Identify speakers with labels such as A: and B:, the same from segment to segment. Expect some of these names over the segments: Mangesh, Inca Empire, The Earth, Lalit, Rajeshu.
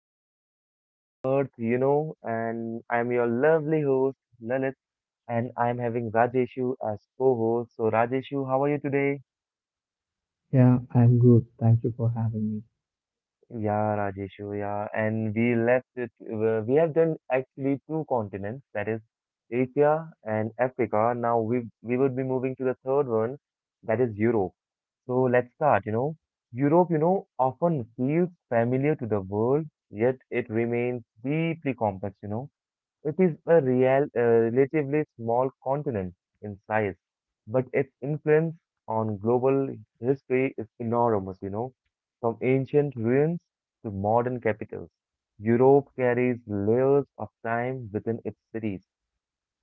A: part two of The Earth, and I'm your lovely host, Lalit, and I'm having Rajeshu as co-host. So Rajeshu, how are you today?
B: Yeah, I'm good. Thank you for having me.
A: Yeah, Rajeshu, yeah. And we left it, we have done actually two continents, that is Asia and Africa. Now we would be moving to the third one, that is Europe. So let's start. Europe, often feels familiar to the world, yet it remains deeply complex. It is a relatively small continent in size, but its influence on global history is enormous. From ancient ruins to modern capitals, Europe carries layers of time within its cities.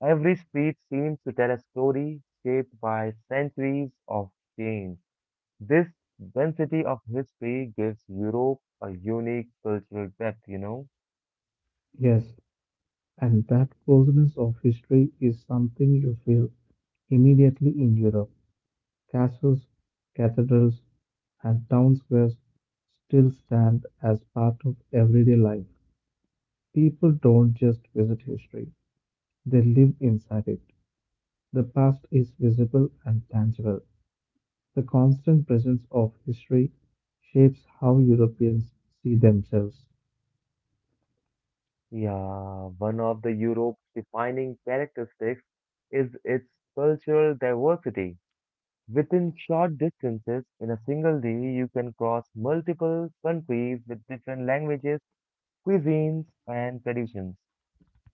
A: Every street seems to tell a story shaped by centuries of change. This density of history gives Europe a unique cultural depth.
B: Yes, and that closeness of history is something you feel immediately in Europe. Castles, cathedrals, and town squares still stand as part of everyday life. People don't just visit history, they live inside it. The past is visible and tangible. The constant presence of history shapes how Europeans see themselves.
A: Yeah, one of the Europe's defining characteristics is its cultural diversity. Within short distances, in a single day, you can cross multiple countries with different languages, cuisines, and traditions.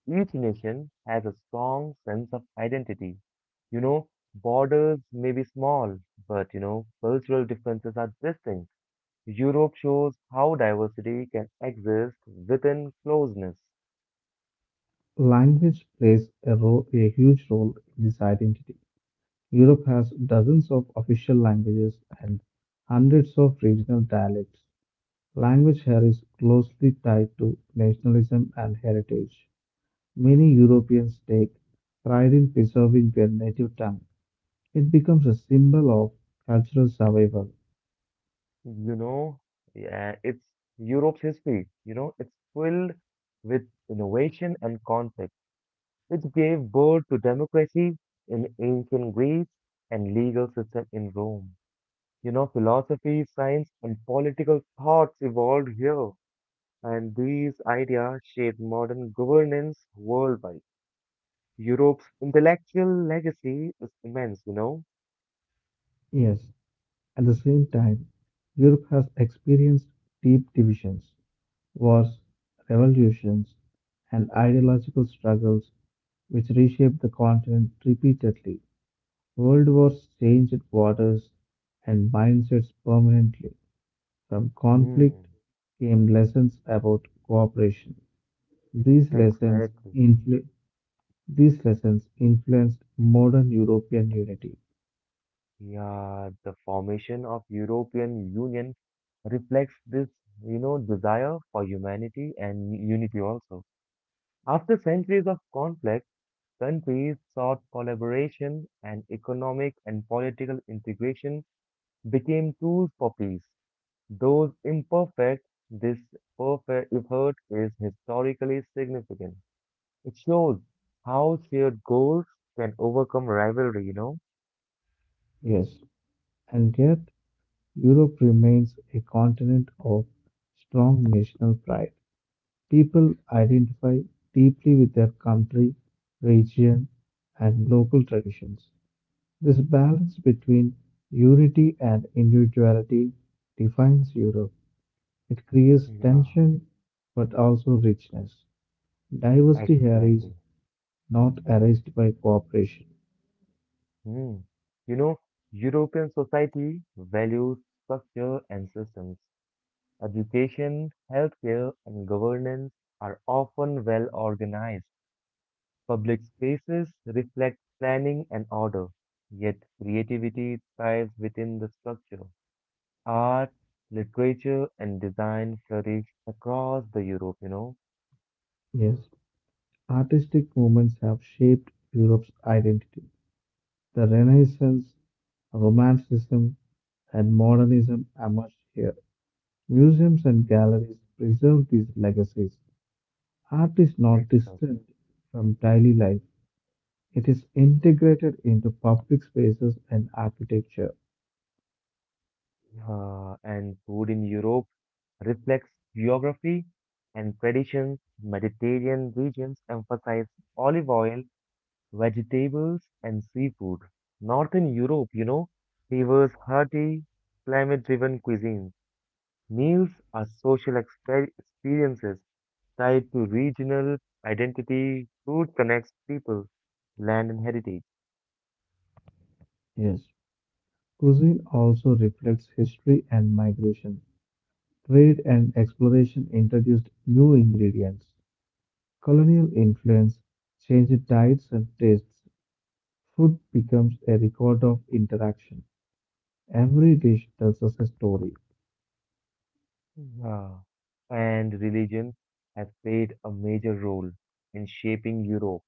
A: Each nation has a strong sense of identity. You know, borders may be small, but cultural differences are distinct. Europe shows how diversity can exist within closeness.
B: Language plays a huge role in this identity. Europe has dozens of official languages and hundreds of regional dialects. Language here is closely tied to nationalism and heritage. Many Europeans take pride in preserving their native tongue. It becomes a symbol of cultural survival.
A: You know, yeah, it's Europe's history. It's filled with innovation and conflict. It gave birth to democracy in ancient Greece and legal system in Rome. Philosophy, science, and political thoughts evolved here, and these ideas shaped modern governance worldwide. Europe's intellectual legacy is immense.
B: Yes, at the same time, Europe has experienced deep divisions. Wars, revolutions, and ideological struggles which reshaped the continent repeatedly. World wars changed waters and mindsets permanently. From conflict
A: Mm,
B: came lessons about cooperation. These lessons,
A: exactly.
B: influ- these lessons influenced modern European unity.
A: Yeah, the formation of European Union reflects this desire for humanity and unity also. After centuries of conflict, countries sought collaboration and economic and political integration became tools for peace. Those imperfect, this perfect effort is historically significant. It shows how shared goals can overcome rivalry.
B: Yes, and yet Europe remains a continent of strong national pride. People identify deeply with their country, region, and local traditions. This balance between unity and individuality defines Europe. It creates
A: Yeah,
B: tension but also richness. Diversity here is
A: exactly.
B: not erased by cooperation.
A: Hmm. You know, European society values structure and systems. Education, healthcare, and governance are often well organized. Public spaces reflect planning and order, yet creativity thrives within the structure. Art, literature, and design flourish across the Europe.
B: Yes, artistic movements have shaped Europe's identity. The Renaissance, Romanticism, and Modernism emerged here. Museums and
A: Mm,
B: galleries preserve these legacies. Art is not
A: Exactly.
B: distant from daily life, it is integrated into public spaces and architecture.
A: And food in Europe reflects geography and traditions. Mediterranean regions emphasize olive oil, vegetables, and seafood. Northern Europe, favors hearty, climate-driven cuisines. Meals are social experiences tied to regional identity. Food connects people, land, and heritage.
B: Yes, cuisine also reflects history and migration. Trade and exploration introduced new ingredients. Colonial influence changed diets and tastes. Food becomes a record of interaction. Every dish tells us a story.
A: Yeah. And religion has played a major role in shaping Europe.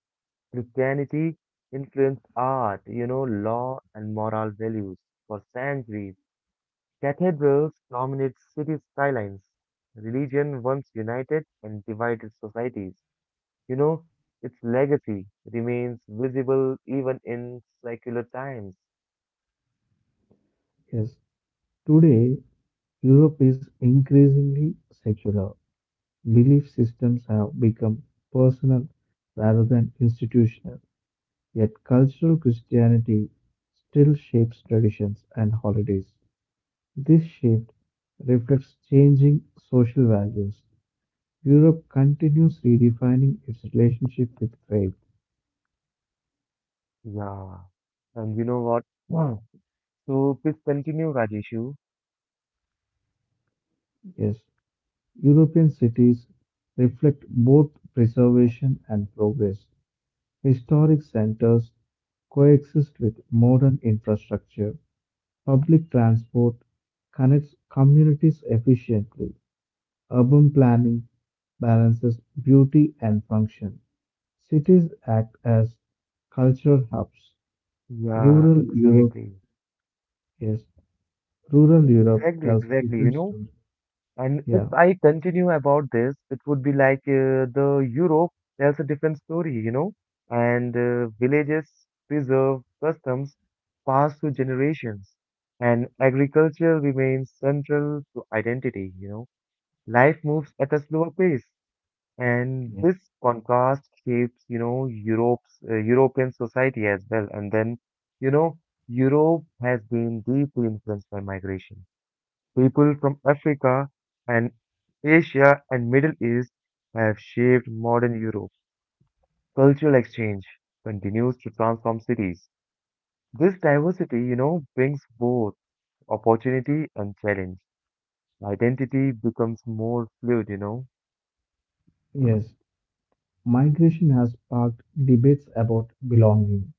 A: Christianity influenced art, law and moral values for centuries. Cathedrals dominate city skylines. Religion once united and divided societies. You know, its legacy remains visible even in secular times.
B: Yes, today Europe is increasingly secular. Belief systems have become personal rather than institutional, yet cultural Christianity still shapes traditions and holidays. This shift reflects changing social values. Europe continues redefining its relationship with faith.
A: Yeah. And you know what? Wow. So please continue, Rajeshu.
B: Yes, European cities reflect both preservation and progress. Historic centers coexist with modern infrastructure. Public transport connects communities efficiently. Urban planning balances beauty and function. Cities act as cultural hubs.
A: Yeah,
B: Rural Europe
A: exactly.
B: is rural Europe
A: Exactly,
B: tells a
A: exactly. You
B: different
A: know,
B: story.
A: And
B: Yeah.
A: if I continue about this, it would be like the Europe tells a different story, and villages preserve customs passed through generations, and agriculture remains central to identity. Life moves at a slower pace, and
B: Yes.
A: this contrast shapes Europe's European society as well. And then, you know, Europe has been deeply influenced by migration. People from Africa and Asia and Middle East have shaped modern Europe. Cultural exchange continues to transform cities. This diversity, brings both opportunity and challenge. Identity becomes more fluid.
B: Yes, migration has sparked debates about belonging.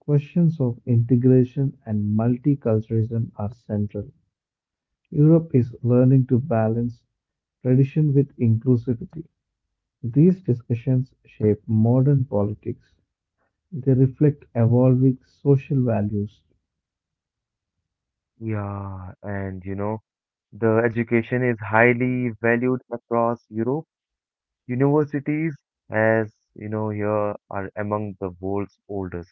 B: Questions of integration and multiculturalism are central. Europe is learning to balance tradition with inclusivity. These discussions shape modern politics. They reflect evolving social values.
A: Yeah, and the education is highly valued across Europe. Universities, as you know, here are among the world's oldest.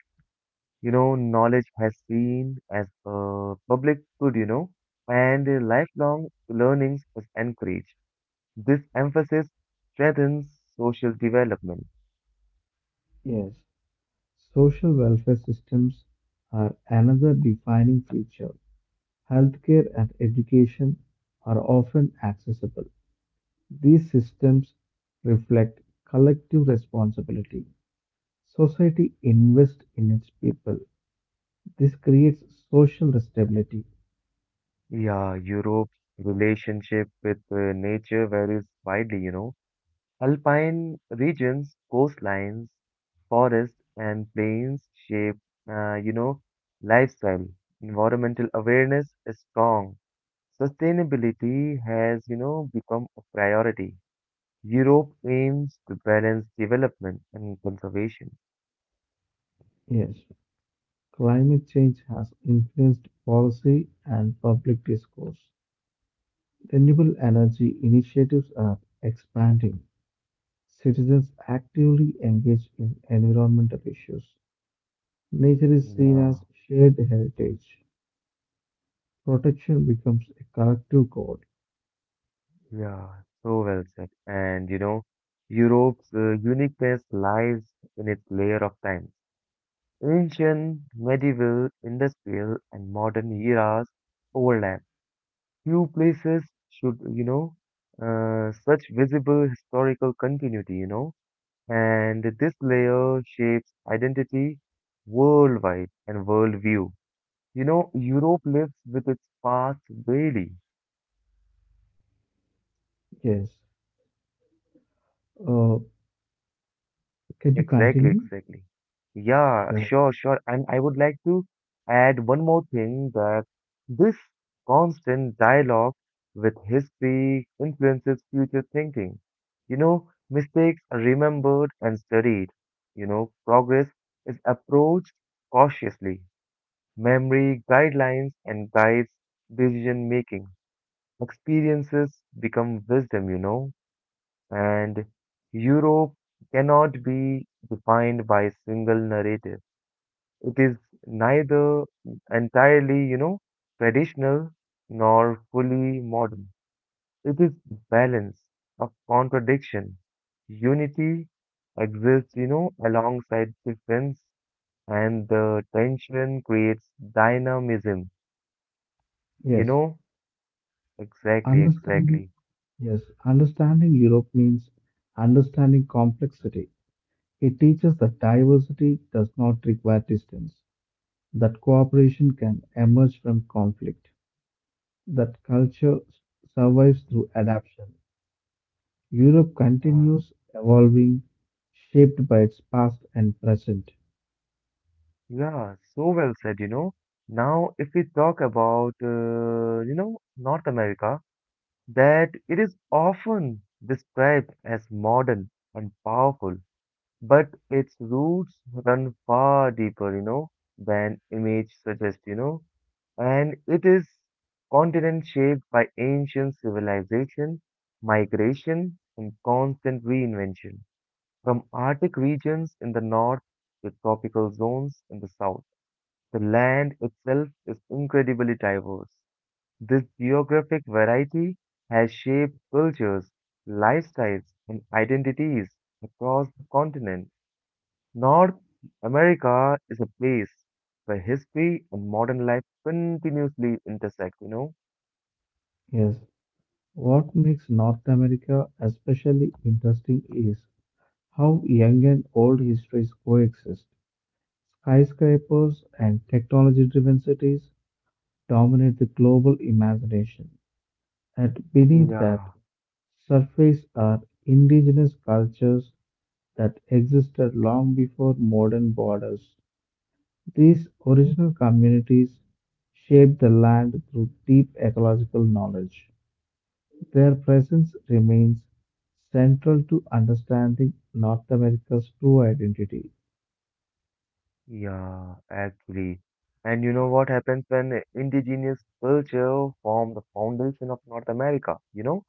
A: Knowledge has been as a public good, and lifelong learning was encouraged. This emphasis strengthens social development.
B: Yes, social welfare systems are another defining feature. Healthcare and education are often accessible. These systems reflect collective responsibility. Society invests in its people. This creates social stability.
A: Yeah, Europe's relationship with nature varies widely. Alpine regions, coastlines, forests, and plains shape, uh, you know, lifestyle. Environmental awareness is strong. Sustainability has become a priority. Europe aims to balance development and conservation.
B: Yes. Climate change has influenced policy and public discourse. Renewable energy initiatives are expanding. Citizens actively engage in environmental issues. Nature is seen
A: Yeah,
B: as shared heritage. Protection becomes a collective goal.
A: yeah, so well said. And Europe's uniqueness lies in its layer of time. Ancient, medieval, industrial, and modern eras overlap. Few places should such visible historical continuity, and this layer shapes identity worldwide and worldview. Europe lives with its past daily.
B: Yes. Uh, can you
A: Exactly,
B: continue?
A: exactly. Yeah,
B: Yeah.
A: sure, sure. And I would like to add one more thing that this constant dialogue with history influences future thinking. You know, mistakes are remembered and studied. You know, progress is approached cautiously. Memory guidelines and guides decision making. Experiences become wisdom. And Europe cannot be defined by a single narrative. It is neither entirely traditional nor fully modern. It is balance of contradiction. Unity exists alongside difference, and the tension creates dynamism. You
B: Yes.
A: know, exactly,
B: Understanding.
A: exactly.
B: Yes. Understanding Europe means understanding complexity. It teaches that diversity does not require distance, that cooperation can emerge from conflict, that culture survives through adaptation. Europe
A: Yeah.
B: continues evolving, shaped by its past and present.
A: Yeah, so well said. Now, if we talk about North America, that it is often described as modern and powerful, but its roots run far deeper than image suggests, and it is continent shaped by ancient civilization, migration, and constant reinvention, from Arctic regions in the north to tropical zones in the south. The land itself is incredibly diverse. This geographic variety has shaped cultures, lifestyles, and identities across the continent. North America is a place where history and modern life continuously intersect.
B: Yes, what makes North America especially interesting is how young and old histories coexist. Skyscrapers and technology driven cities dominate the global imagination, and beneath that
A: Yeah,
B: surface are indigenous cultures that existed long before modern borders. These original communities shaped the land through deep ecological knowledge. Their presence remains central to understanding North America's true identity.
A: yeah, actually. And you know what happens when indigenous culture form the foundation of North America? You know,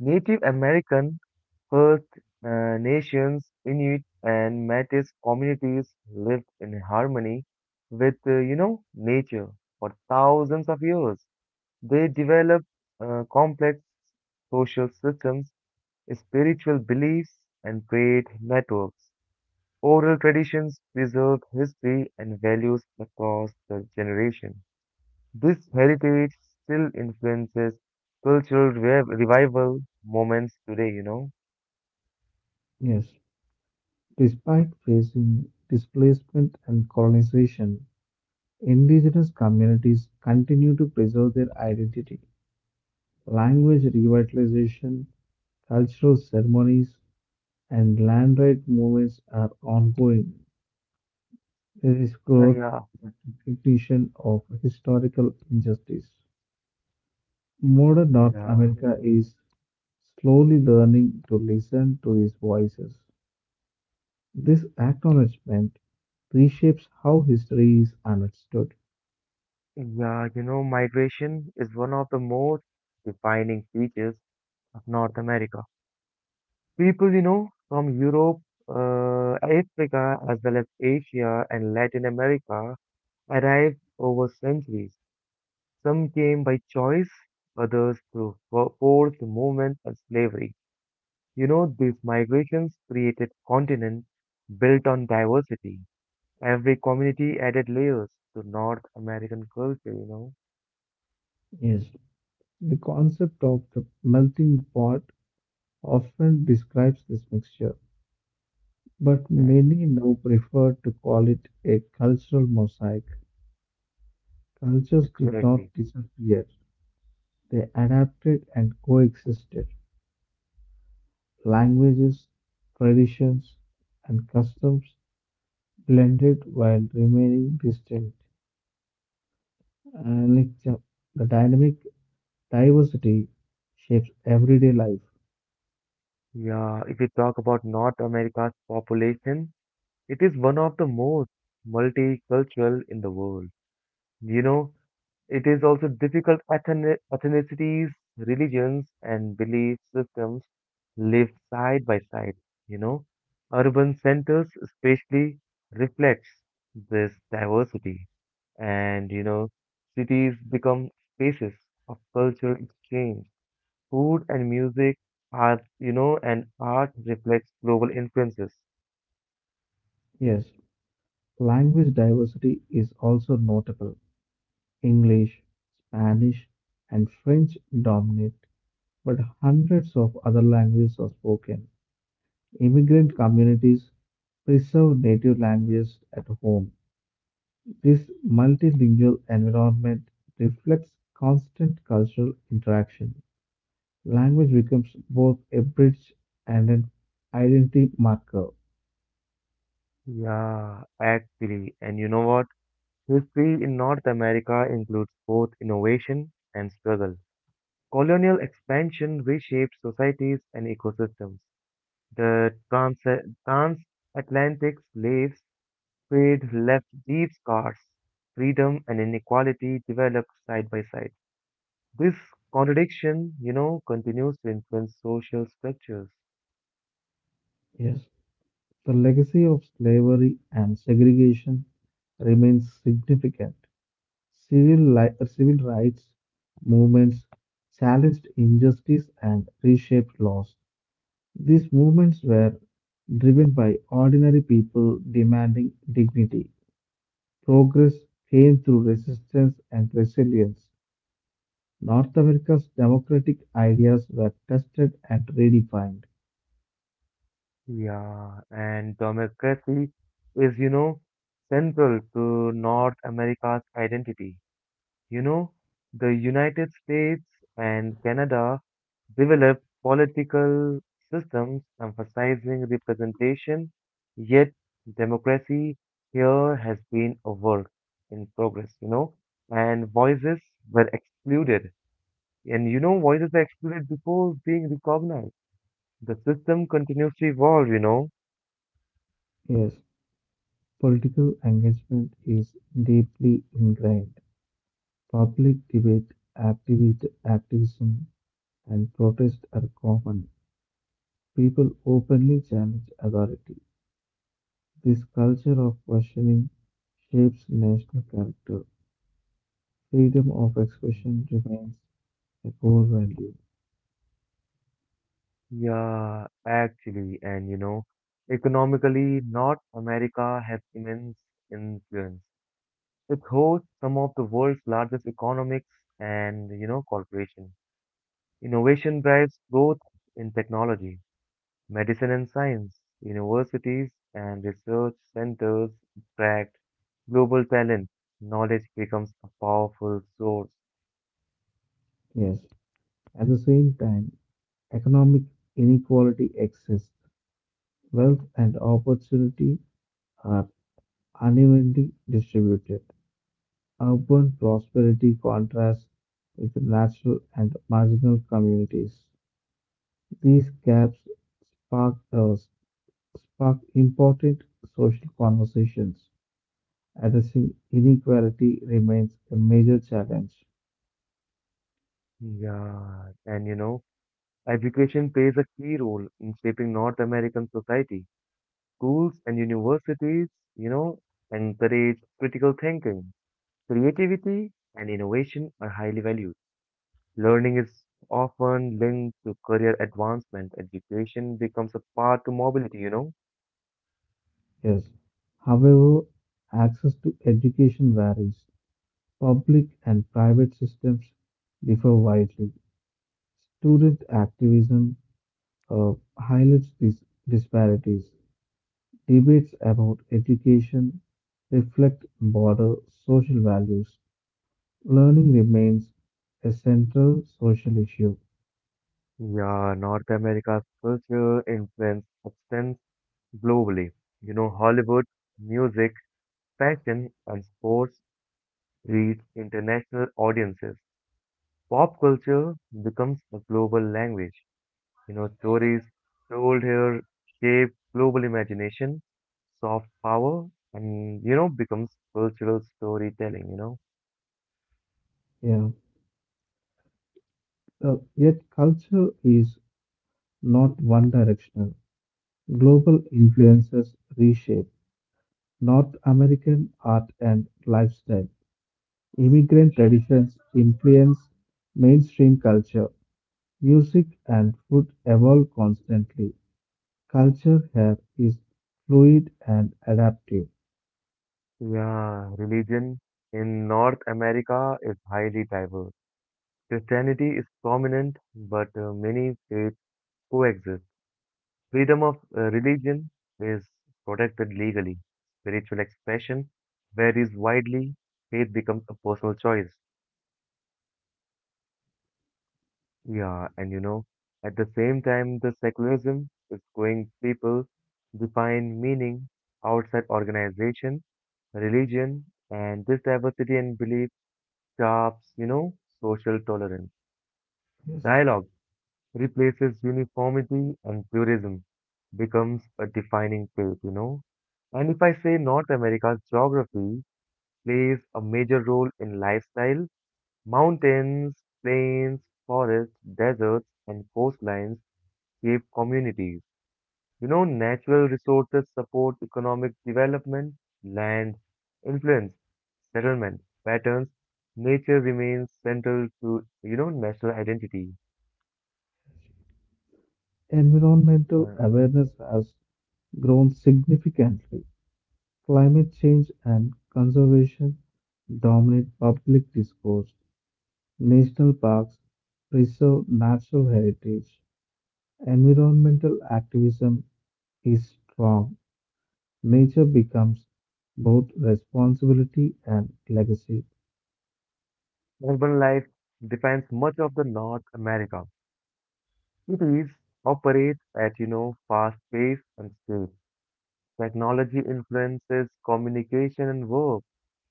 A: Native American First Nations, Inuit, and Métis communities lived in harmony with nature for thousands of years. They developed complex social systems, spiritual beliefs, and trade networks. Oral traditions preserved history and values across the generation. This heritage still influences cultural revival moments today.
B: Yes, despite facing displacement and colonization, indigenous communities continue to preserve their identity. Language revitalization, cultural ceremonies, and land right movements are ongoing. There is
A: Uh,
B: growth
A: yeah,
B: and recognition of historical injustice. Modern North
A: yeah.
B: America is slowly learning to listen to these voices. This acknowledgement reshapes how history is understood.
A: Yeah, you know, migration is one of the most defining features of North America. People from Europe, Africa, as well as Asia and Latin America arrived over centuries. Some came by choice, others through forced movement and slavery. You know, these migrations created continents built on diversity. Every community added layers to North American culture.
B: Yes, the concept of the melting pot often describes this mixture, but many
A: Exactly.
B: now prefer to call it a cultural mosaic. Cultures did
A: Exactly.
B: not disappear, they adapted and coexisted. Languages, traditions, and customs blended while remaining distinct. And it's a- the dynamic diversity shapes everyday life.
A: Yeah, if we talk about North America's population, it is one of the most multicultural in the world. You know, it is also difficult ethnicities, religions, and belief systems live side by side. You know, urban centers especially reflects this diversity, and cities become spaces of cultural exchange. Food and music and art reflects global influences.
B: Yes, language diversity is also notable. English, Spanish, and French dominate, but hundreds of other languages are spoken. Immigrant communities preserve native languages at home. This multilingual environment reflects constant cultural interaction. Language becomes both a bridge and an identity marker.
A: Yeah, actually. And you know what? History in North America includes both innovation and struggle. Colonial expansion reshaped societies and ecosystems. The transatlantic slave trade left deep scars. Freedom and inequality developed side by side. This contradiction continues to influence social structures.
B: Yes, the legacy of slavery and segregation remains significant. Civil rights movements challenged injustice and reshaped laws. These movements were driven by ordinary people demanding dignity. Progress came through resistance and resilience. North America's democratic ideas were tested and redefined.
A: Yeah, and democracy is central to North America's identity. You know, the United States and Canada developed political systems emphasizing representation, yet democracy here has been a work in progress, and voices were excluded. And you know, voices were excluded before being recognized. The system continues to evolve.
B: Yes, political engagement is deeply ingrained. Public debate, activism, and protest are common. People openly challenge authority. This culture of questioning shapes national character. Freedom of expression remains a core value,
A: Yeah, actually, and economically, North America has immense influence. It hosts some of the world's largest economics and corporations. Innovation drives growth in technology, medicine and science. Universities and research centers attract global talent. Knowledge becomes a powerful source.
B: yes. At the same time, economic inequality exists. Wealth and opportunity are unevenly distributed. Urban prosperity contrasts with natural and marginal communities. These gaps spark, uh, spark important social conversations. Addressing inequality remains a major challenge.
A: Yeah, and education plays a key role in shaping North American society. Schools and universities, you know, encourage critical thinking. Creativity and innovation are highly valued. Learning is often linked to career advancement. Education becomes a path to mobility.
B: Yes. However, access to education varies. Public and private systems differ widely. Student activism uh, highlights these disparities. Debates about education reflect broader social values. Learning remains a central social issue.
A: Yeah, North America's culture influence extends globally. Hollywood, music, fashion, and sports reach international audiences. Pop culture becomes a global language. Stories told here shape global imagination, soft power, and becomes cultural storytelling.
B: Yeah. Yet culture is not one directional. Global influences reshape North American art and lifestyle, immigrant traditions influence mainstream culture. Music and food evolve constantly. Culture here is fluid and adaptive.
A: Yeah, religion in North America is highly diverse. Christianity is prominent, but many faiths coexist. Freedom of religion is protected legally. Spiritual expression varies widely. Faith becomes a personal choice. Yeah, and at the same time, the secularism is going people define meaning outside organization, religion, and this diversity and belief sharps social tolerance.
B: Yes.
A: Dialogue replaces uniformity and purism becomes a defining trait. And if I say North America's geography plays a major role in lifestyle, mountains, plains, forests, deserts, and coastlines cave communities. Natural resources support economic development, land, influence, settlement patterns. Nature remains central to national identity.
B: Environmental
A: Uh,
B: awareness has grown significantly. Climate change and conservation dominate public discourse. National parks preserve natural heritage. Environmental activism is strong, nature becomes both responsibility and legacy.
A: urban life defines much of the North America. Cities operate at fast pace and scale. Technology influences communication and work.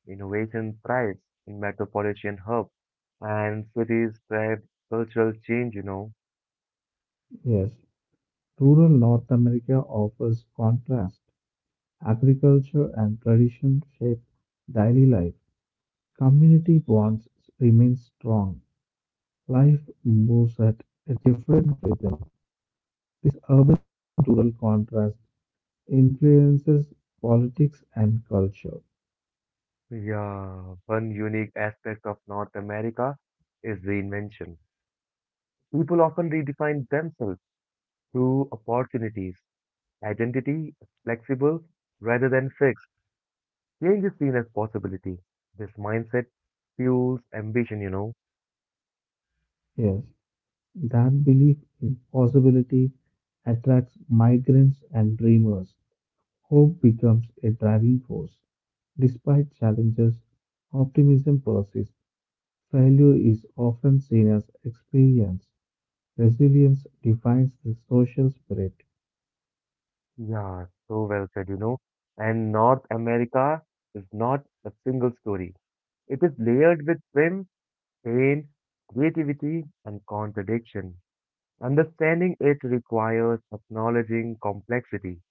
A: Innovation thrives in metropolitan hubs and cities drive cultural change.
B: Yes, rural North America offers contrast. Agriculture and tradition shape daily life. Community bonds remain strong. Life moves at a different rhythm. This urban rural contrast influences politics and culture.
A: Yeah, one unique aspect of North America is reinvention. People often redefine themselves through opportunities. Identity is flexible rather than fixed. Change is seen as possibility. This mindset fuels ambition.
B: Yes, that belief in possibility attracts migrants and dreamers. Hope becomes a driving force. Despite challenges, optimism persists. Failure is often seen as experience. Resilience defines the social spirit.
A: Yeah, so well said. And North America is not a single story. It is layered with swim, pain, creativity, and contradiction. Understanding it requires acknowledging complexity.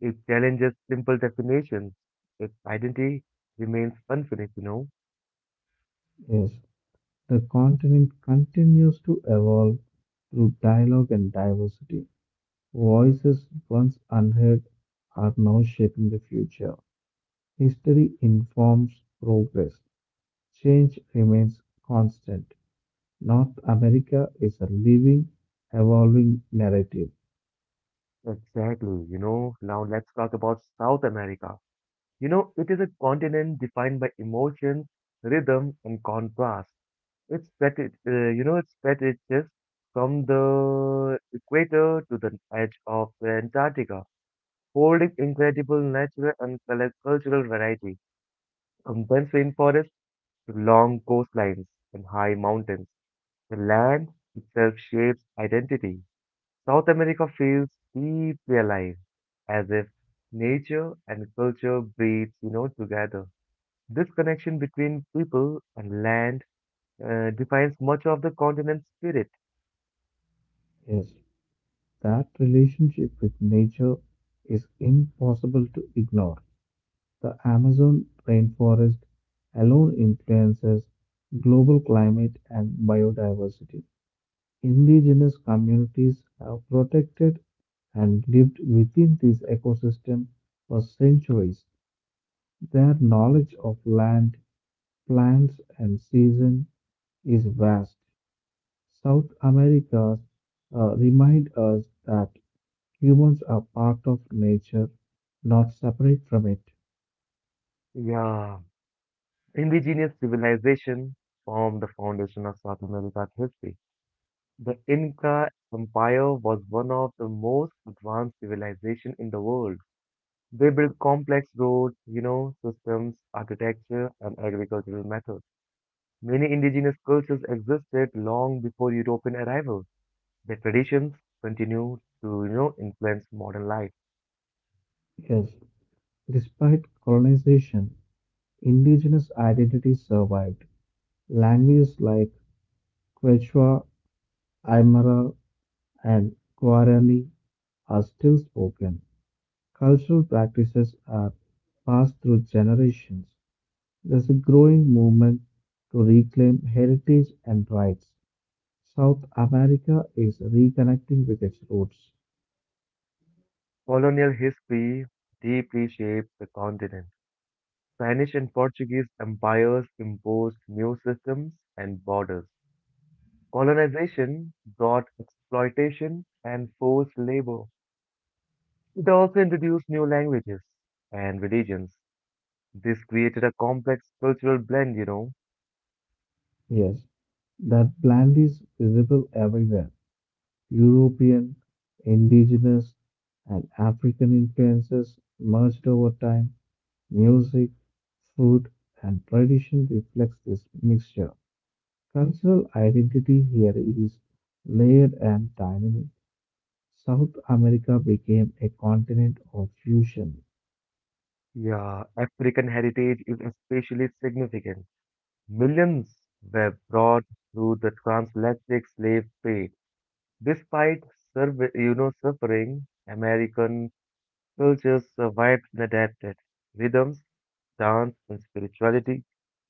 A: It challenges simple definitions. Its identity remains infinite.
B: Yes, the continent continues to evolve through dialogue and diversity. Voices once unheard are now shaping the future. History informs progress. Change remains constant. North America is a living, evolving narrative.
A: Exactly. Now let's talk about South America. You know, it is a continent defined by emotions, rhythm, and contrast. It stretches from the equator to the edge of Antarctica, holding incredible natural and cultural variety. Intense rainforests to long coastlines and high mountains. The land itself shapes identity. South America feels deeply alive, as if nature and culture breathes together. This connection between people and land defines much of the continent's spirit.
B: Yes, that relationship with nature is impossible to ignore. The Amazon rainforest alone influences global climate and biodiversity. Indigenous communities have protected and lived within this ecosystem for centuries. Their knowledge of land, plants, and season is vast. South America remind us that humans are part of nature, not separate from it.
A: Yeah, indigenous civilization formed the foundation of South America's history. The Inca Empire was one of the most advanced civilization in the world. They built complex roads, systems, architecture, and agricultural methods. Many indigenous cultures existed long before European arrival. Their traditions continue to influence modern life.
B: Yes, despite colonization, indigenous identities survived. Languages like Quechua, Aymara, and Guarani are still spoken. Cultural practices are passed through generations. There's a growing movement to reclaim heritage and rights. South America is reconnecting with its roots.
A: Colonial history deeply shaped the continent. Spanish and Portuguese empires imposed new systems and borders. Colonization brought exploitation and forced labor. It also introduced new languages and religions. This created a complex cultural blend.
B: Yes, that blend is visible everywhere. European, indigenous, and African influences merged over time. Music, food, and tradition reflects this mixture. Cultural identity here is layered and dynamic. South America became a continent of fusion.
A: Yeah, African heritage is especially significant. Millions were brought through the transatlantic slave trade. Despite suffering, American cultures survived and adapted. Rhythms, dance, and spirituality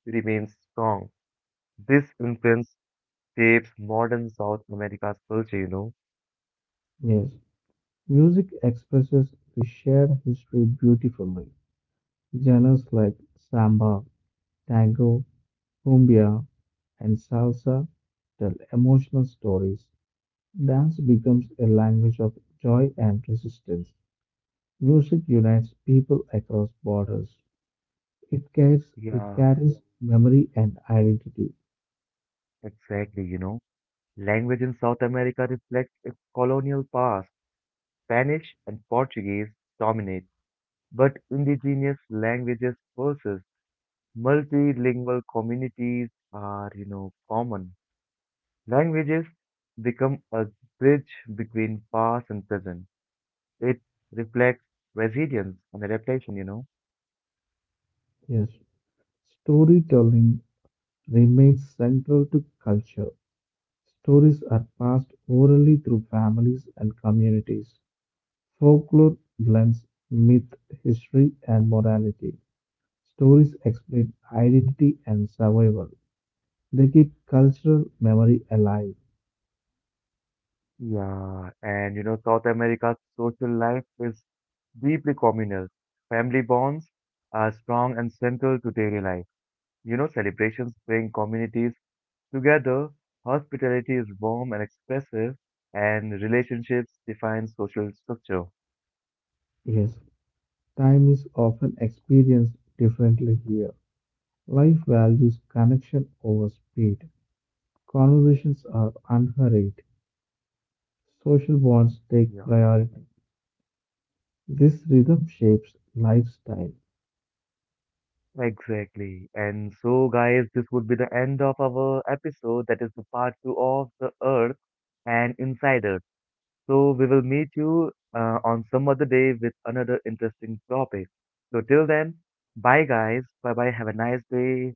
A: remain strong. This influence shapes modern South America's culture.
B: Yes, music expresses the shared history beautifully. Genres like samba, tango, cumbia, and salsa tell emotional stories. Dance becomes a language of joy and resistance. Music unites people across borders. It carries, it
A: Yeah,
B: carries memory and identity.
A: exactly. Language in South America reflects its colonial past. Spanish and Portuguese dominate, but indigenous languages persist. Multilingual communities are common. Languages become a bridge between past and present. It reflects resilience and adaptation.
B: Yes, storytelling remains central to culture. Stories are passed orally through families and communities. Folklore blends myth, history, and morality. Stories explain identity and survival. They keep cultural memory alive.
A: Yeah, and South America's social life is deeply communal. Family bonds are strong and central to daily life. Celebrations bring communities together, hospitality is warm and expressive, and relationships define social structure.
B: Yes, time is often experienced differently here. Life values connection over speed. Conversations are unhurried. Social bonds take
A: Yeah,
B: priority. This rhythm shapes lifestyle.
A: exactly. And so, guys, this would be the end of our episode, that is the part two of The Earth and Insider. So, we will meet you on some other day with another interesting topic. So, till then, bye, guys. Bye bye. Have a nice day.